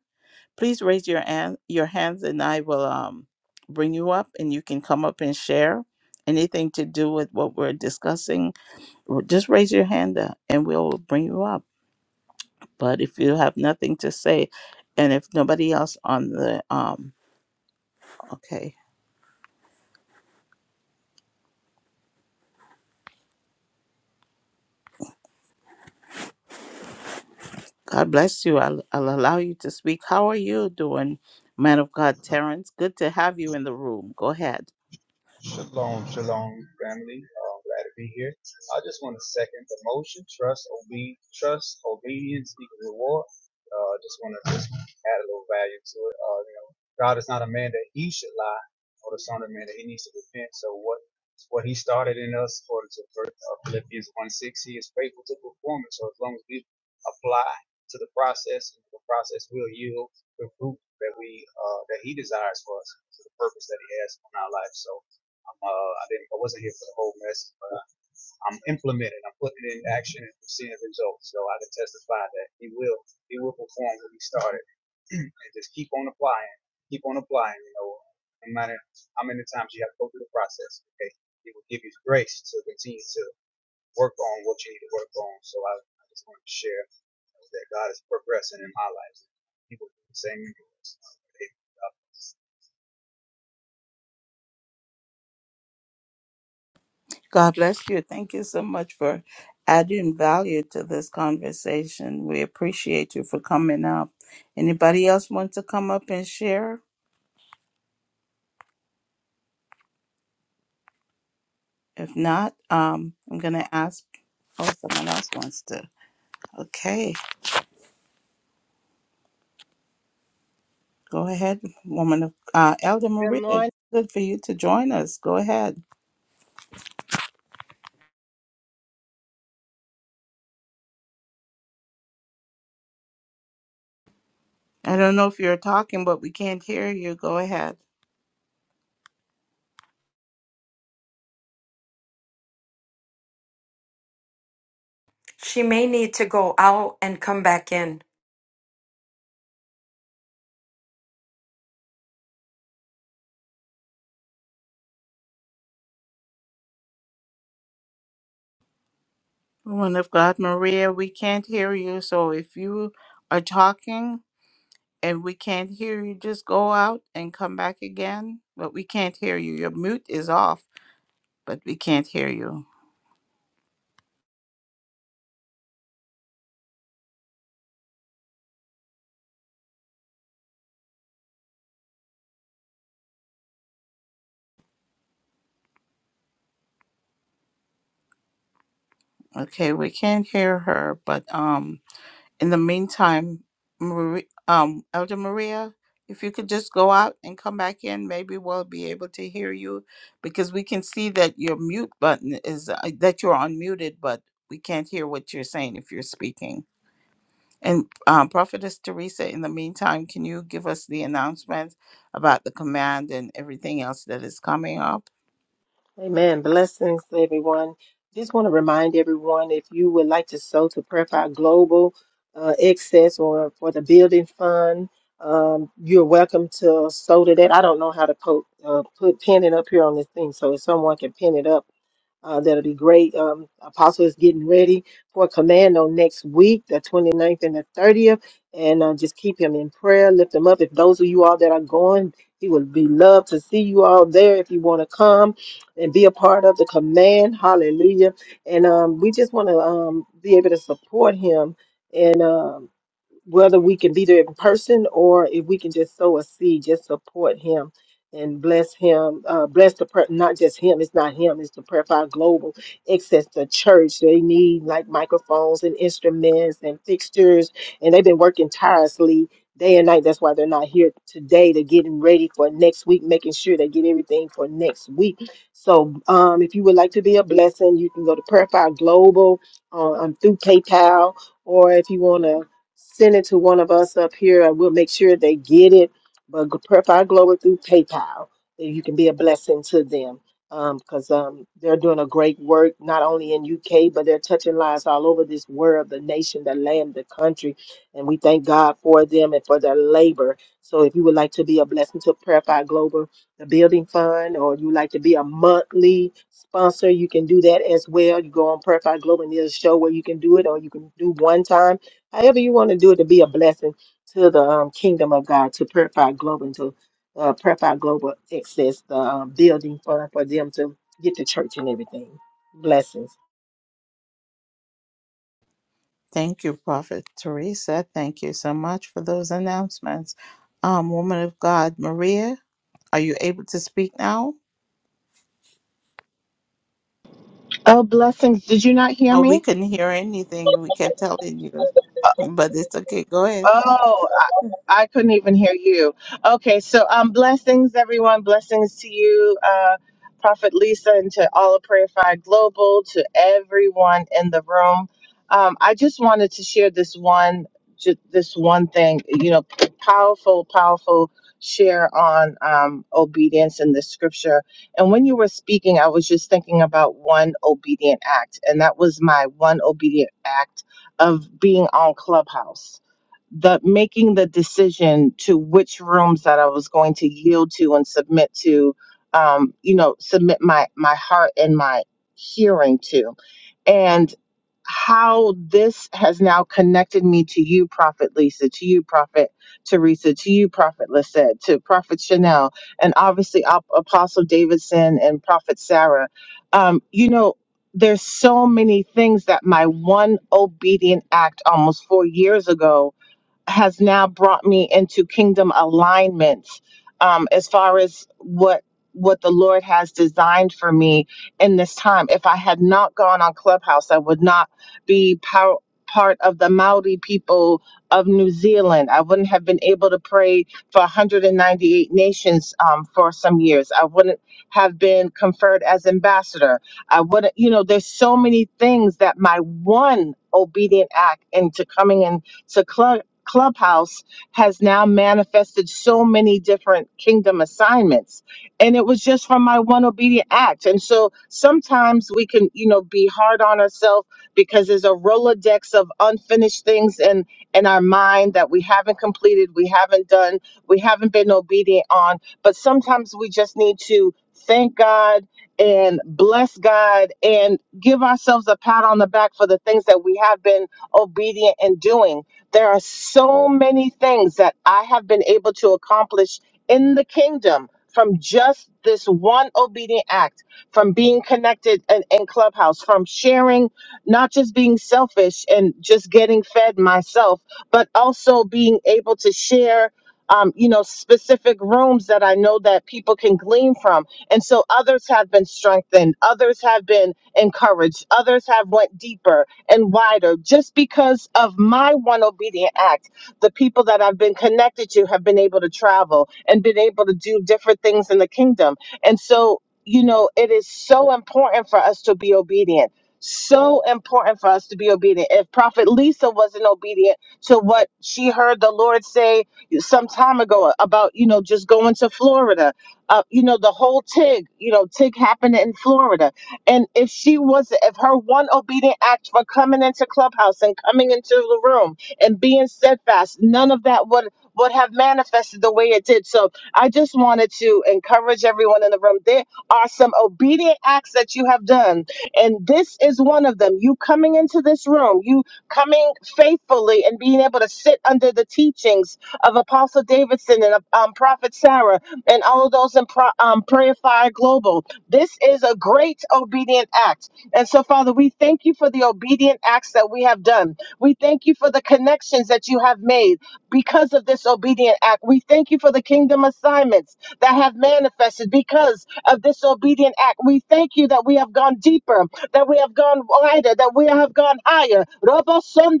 S1: please raise your hand, your hands, and I will um bring you up, and you can come up and share anything to do with what we're discussing. r- Just raise your hand up, and we'll bring you up. But if you have nothing to say, and if nobody else on the um okay God bless you. I'll, I'll allow you to speak. How are you doing, man of God, Terrence? Good to have you in the room. Go ahead.
S4: Shalom, shalom, family. Uh, glad to be here. I just want to second the motion. Trust, obe- trust, obedience equals reward. Uh, just want to just add a little value to it. Uh, you know, God is not a man that he should lie, or the son of man that he needs to repent. So what what he started in us, according to Phil- uh, Philippians 1 6, he is faithful to perform it. So as long as we apply to the process, the process will yield the fruit that we uh, that he desires for us, to the purpose that he has on our life. So I'm, uh, I didn't, I wasn't here for the whole mess, but uh, I'm implementing, I'm putting it in action and seeing results. So I can testify that he will, he will perform what he started and just keep on applying, keep on applying, you know, no matter how many times you have to go through the process, okay? He will give you grace to continue to work on what you need to work on. So I, I just want to share that God is progressing in my life. He will do the same
S1: God bless you. Thank you so much for adding value to this conversation. We appreciate you for coming up. Anybody else want to come up and share? If not, um, I'm going to ask. Oh, someone else wants to. Okay, go ahead, woman of uh, Elder
S5: Good
S1: Maria.
S5: morning.
S1: Good for you to join us. Go ahead. I don't know if you're talking, but we can't hear you. Go ahead.
S3: She may need to go out and come back in.
S1: Woman of God, Maria, we can't hear you. So if you are talking and we can't hear you, just go out and come back again. But we can't hear you. Your mute is off, but we can't hear you. Okay, we can't hear her, but um. in the meantime, Marie, um, Elder Maria, if you could just go out and come back in, maybe we'll be able to hear you because we can see that your mute button is uh, that you're unmuted, but we can't hear what you're saying if you're speaking. And um, Prophetess Teresa, in the meantime, can you give us the announcement about the command and everything else that is coming up?
S2: Amen. Blessings, everyone. Just want to remind everyone if you would like to sow to Prayer Fire Global uh, Excess or for the Building Fund, um, you're welcome to sow to that. I don't know how to put, uh, put pin it up here on this thing, so if someone can pin it up Uh, that'll be great. Um, Apostle is getting ready for commando next week, the twenty ninth and the 30th. And uh, just keep him in prayer, lift him up. If those of you all that are going, he would be loved to see you all there if you want to come and be a part of the command. Hallelujah. And um, we just want to um, be able to support him. And um, whether we can be there in person or if we can just sow a seed, just support him and bless him. Uh, bless the prayer, not just him. It's not him. It's the Prayer Fire Global. Access the church. They need like microphones and instruments and fixtures, and they've been working tirelessly day and night. That's why they're not here today. They're getting ready for next week, making sure they get everything for next week. So, um, if you would like to be a blessing, you can go to Prayer Fire Global uh, um, through PayPal or if you want to send it to one of us up here and we'll make sure they get it. But g- Purify Glory through PayPal, that you can be a blessing to them because um, they're doing a great work, not only in UK, but they're touching lives all over this world, the nation, the land, the country. And we thank God for them and for their labor. So if you would like to be a blessing to Purify Global, the building fund, or you like to be a monthly sponsor, you can do that as well. You go on Purify Global and there's a show where you can do it, or you can do one time however you want to do it to be a blessing to the um, kingdom of God, to Purify Global and to uh, Purify Global Access, the uh, building for, for them to get to church and everything. Blessings.
S1: Thank you, Prophet Teresa. Thank you so much for those announcements. Um, woman of God, Maria. Are you able to speak now?
S5: Oh, blessings. Did you not hear
S1: No, we
S5: me?
S1: couldn't hear anything. We kept telling you, but it's okay. Go ahead.
S5: Oh, I couldn't even hear you. Okay, so um, blessings, everyone. Blessings to you, uh, Prophet Lisa, and to all of Prayer Fire Global, to everyone in the room. Um, I just wanted to share this one, ju- this one thing. You know, powerful, powerful share on um, obedience in the scripture. And when you were speaking, I was just thinking about one obedient act, and that was my one obedient act of being on Clubhouse the making the decision to which rooms that I was going to yield to and submit to, um, you know, submit my my heart and my hearing to, and how this has now connected me to you, Prophet Lisa, to you, Prophet Teresa, to you, Prophet Lisette, to Prophet Chanel, and obviously Ap- Apostle Davidson and Prophet Sarah. Um, you know, there's so many things that my one obedient act almost four years ago has now brought me into kingdom alignments um, as far as what what the Lord has designed for me in this time. If I had not gone on Clubhouse, I would not be power, part of the Maori people of New Zealand. I wouldn't have been able to pray for 198 nations um, for some years. I wouldn't have been conferred as ambassador. I wouldn't, you know, there's so many things that my one obedient act into coming in to Clubhouse has now manifested so many different kingdom assignments. And it was just from my one obedient act. And so sometimes we can, you know, be hard on ourselves because there's a Rolodex of unfinished things in, in our mind that we haven't completed, we haven't done, we haven't been obedient on. But sometimes we just need to thank God and bless God and give ourselves a pat on the back for the things that we have been obedient in doing there are so many things that I have been able to accomplish in the kingdom from just this one obedient act, from being connected in, in Clubhouse, from sharing, not just being selfish and just getting fed myself, but also being able to share. Um, you know specific rooms that i know that people can glean from and so others have been strengthened others have been encouraged others have went deeper and wider. Just because of my one obedient act, the people that I've been connected to have been able to travel and been able to do different things in the kingdom. And so, you know, it is so important for us to be obedient. So important for us to be obedient. If Prophet Lisa wasn't obedient to what she heard the Lord say some time ago about, you know, just going to Florida, uh, you know, the whole TIG, you know, TIG happened in Florida and if she was, if her one obedient act for coming into Clubhouse and coming into the room and being steadfast, none of that would would have manifested the way it did. So I just wanted to encourage everyone in the room. There are some obedient acts that you have done, and this is one of them. You coming into this room, you coming faithfully and being able to sit under the teachings of Apostle Davidson and um, Prophet Sarah and all of those in pro, um, Prayer Fire Global this is a great obedient act. And so, Father, we thank you for the obedient acts that we have done. We thank you for the connections that you have made because of this obedient act. We thank you for the kingdom assignments that have manifested because of this obedient act. We thank you that we have gone deeper, that we have gone wider, that we have gone higher. Robo son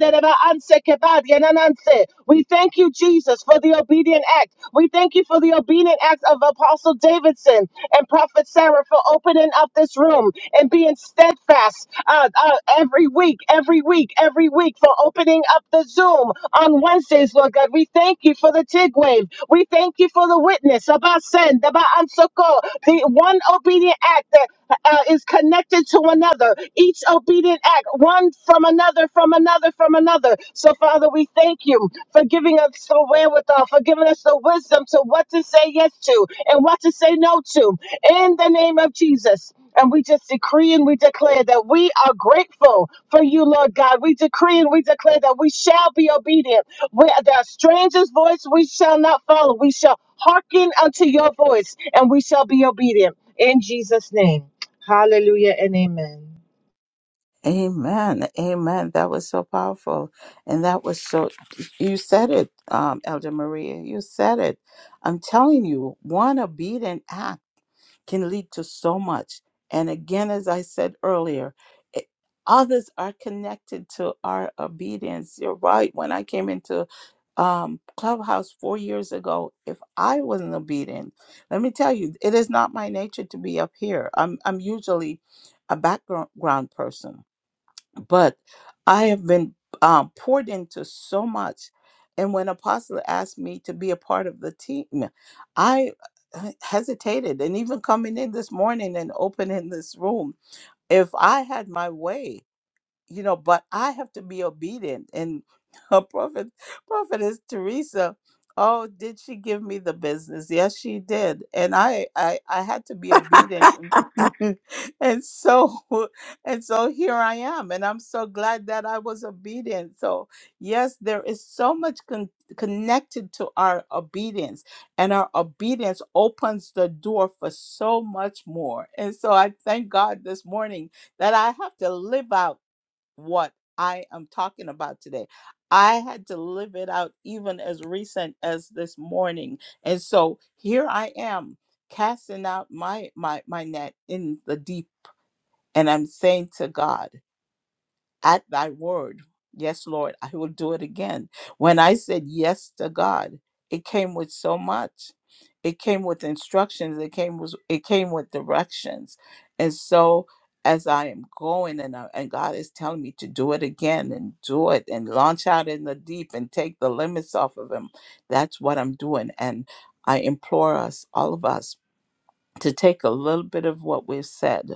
S5: anse kebab yenananse. We thank you, Jesus, for the obedient act. We thank you for the obedient acts of Apostle Davidson and Prophet Sarah for opening up this room and being steadfast uh, uh, every week, every week, every week for opening up the Zoom on Wednesdays, Lord God. We thank you for the TIG wave. We thank you for the witness about send, about unsoko, the one obedient act, uh, is connected to another. Each obedient act, one from another, from another, from another. So, Father, we thank you for giving us the wherewithal, for giving us the wisdom to what to say yes to and what to say no to. In the name of Jesus. And we just decree and we declare that we are grateful for you, Lord God. We decree and we declare that we shall be obedient. Where the stranger's voice we shall not follow. We shall hearken unto your voice and we shall be obedient. In Jesus' name. Hallelujah and amen.
S1: Amen. Amen. That was so powerful. And that was so, you said it, um, Elder Maria. You said it. I'm telling you, one obedient act. can lead to so much. And again, as I said earlier, it, others are connected to our obedience. You're right. When I came into um, Clubhouse four years ago, if I wasn't obedient, let me tell you, it is not my nature to be up here. I'm, I'm usually a background person but I have been um, poured into so much. And when Apostle asked me to be a part of the team, I h- hesitated. And even coming in this morning and opening this room, if I had my way, you know, but I have to be obedient. And her prophet, prophetess Teresa, oh, did she give me the business? Yes, she did. And I, I, I had to be obedient. and so, and so here I am, and I'm so glad that I was obedient. So yes, there is so much con- connected to our obedience, and our obedience opens the door for so much more. And so I thank God this morning that I have to live out what I am talking about today. I had to live it out even as recent as this morning. And so here I am casting out my my my net in the deep and I'm saying to God at thy word. Yes, Lord, I will do it again. When I said yes to God, it came with so much. It came with instructions, it came with it came with directions. And so as I am going and, I- and God is telling me to do it again and do it and launch out in the deep and take the limits off of him. That's what I'm doing. And I implore us, all of us, to take a little bit of what we've said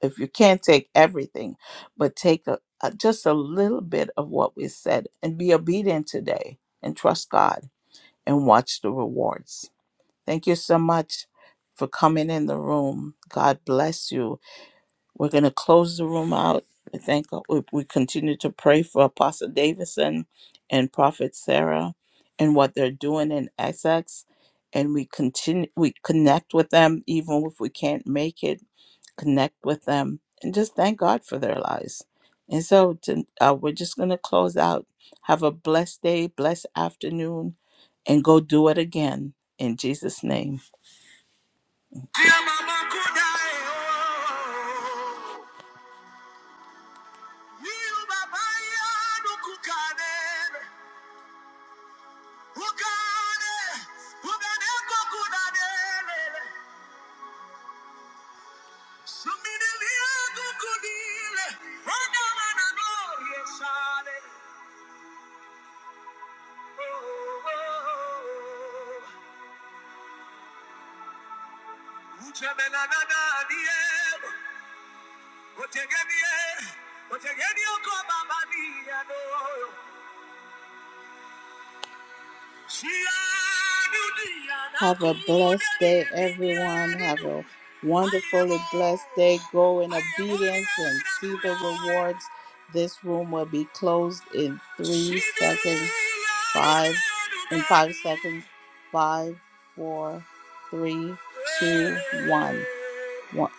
S1: if you can't take everything, but take a, a, just a little bit of what we said and be obedient today and trust God and watch the rewards. Thank you so much for coming in the room. God bless you. We're going to close the room out. We thank God. We, we continue to pray for Apostle Davidson and Prophet Sarah and what they're doing in Essex. And we continue, we connect with them even if we can't make it connect with them and just thank God for their lives. And so to, uh, we're just going to close out. Have a blessed day, blessed afternoon, and go do it again in Jesus' name. Otegenie, otegenie, okoba mani ya no. Have a blessed day, everyone. Have a wonderfully blessed day. Go in obedience and see the rewards. This room will be closed in three seconds. Five, in five seconds. Five, four, three, two, one. One.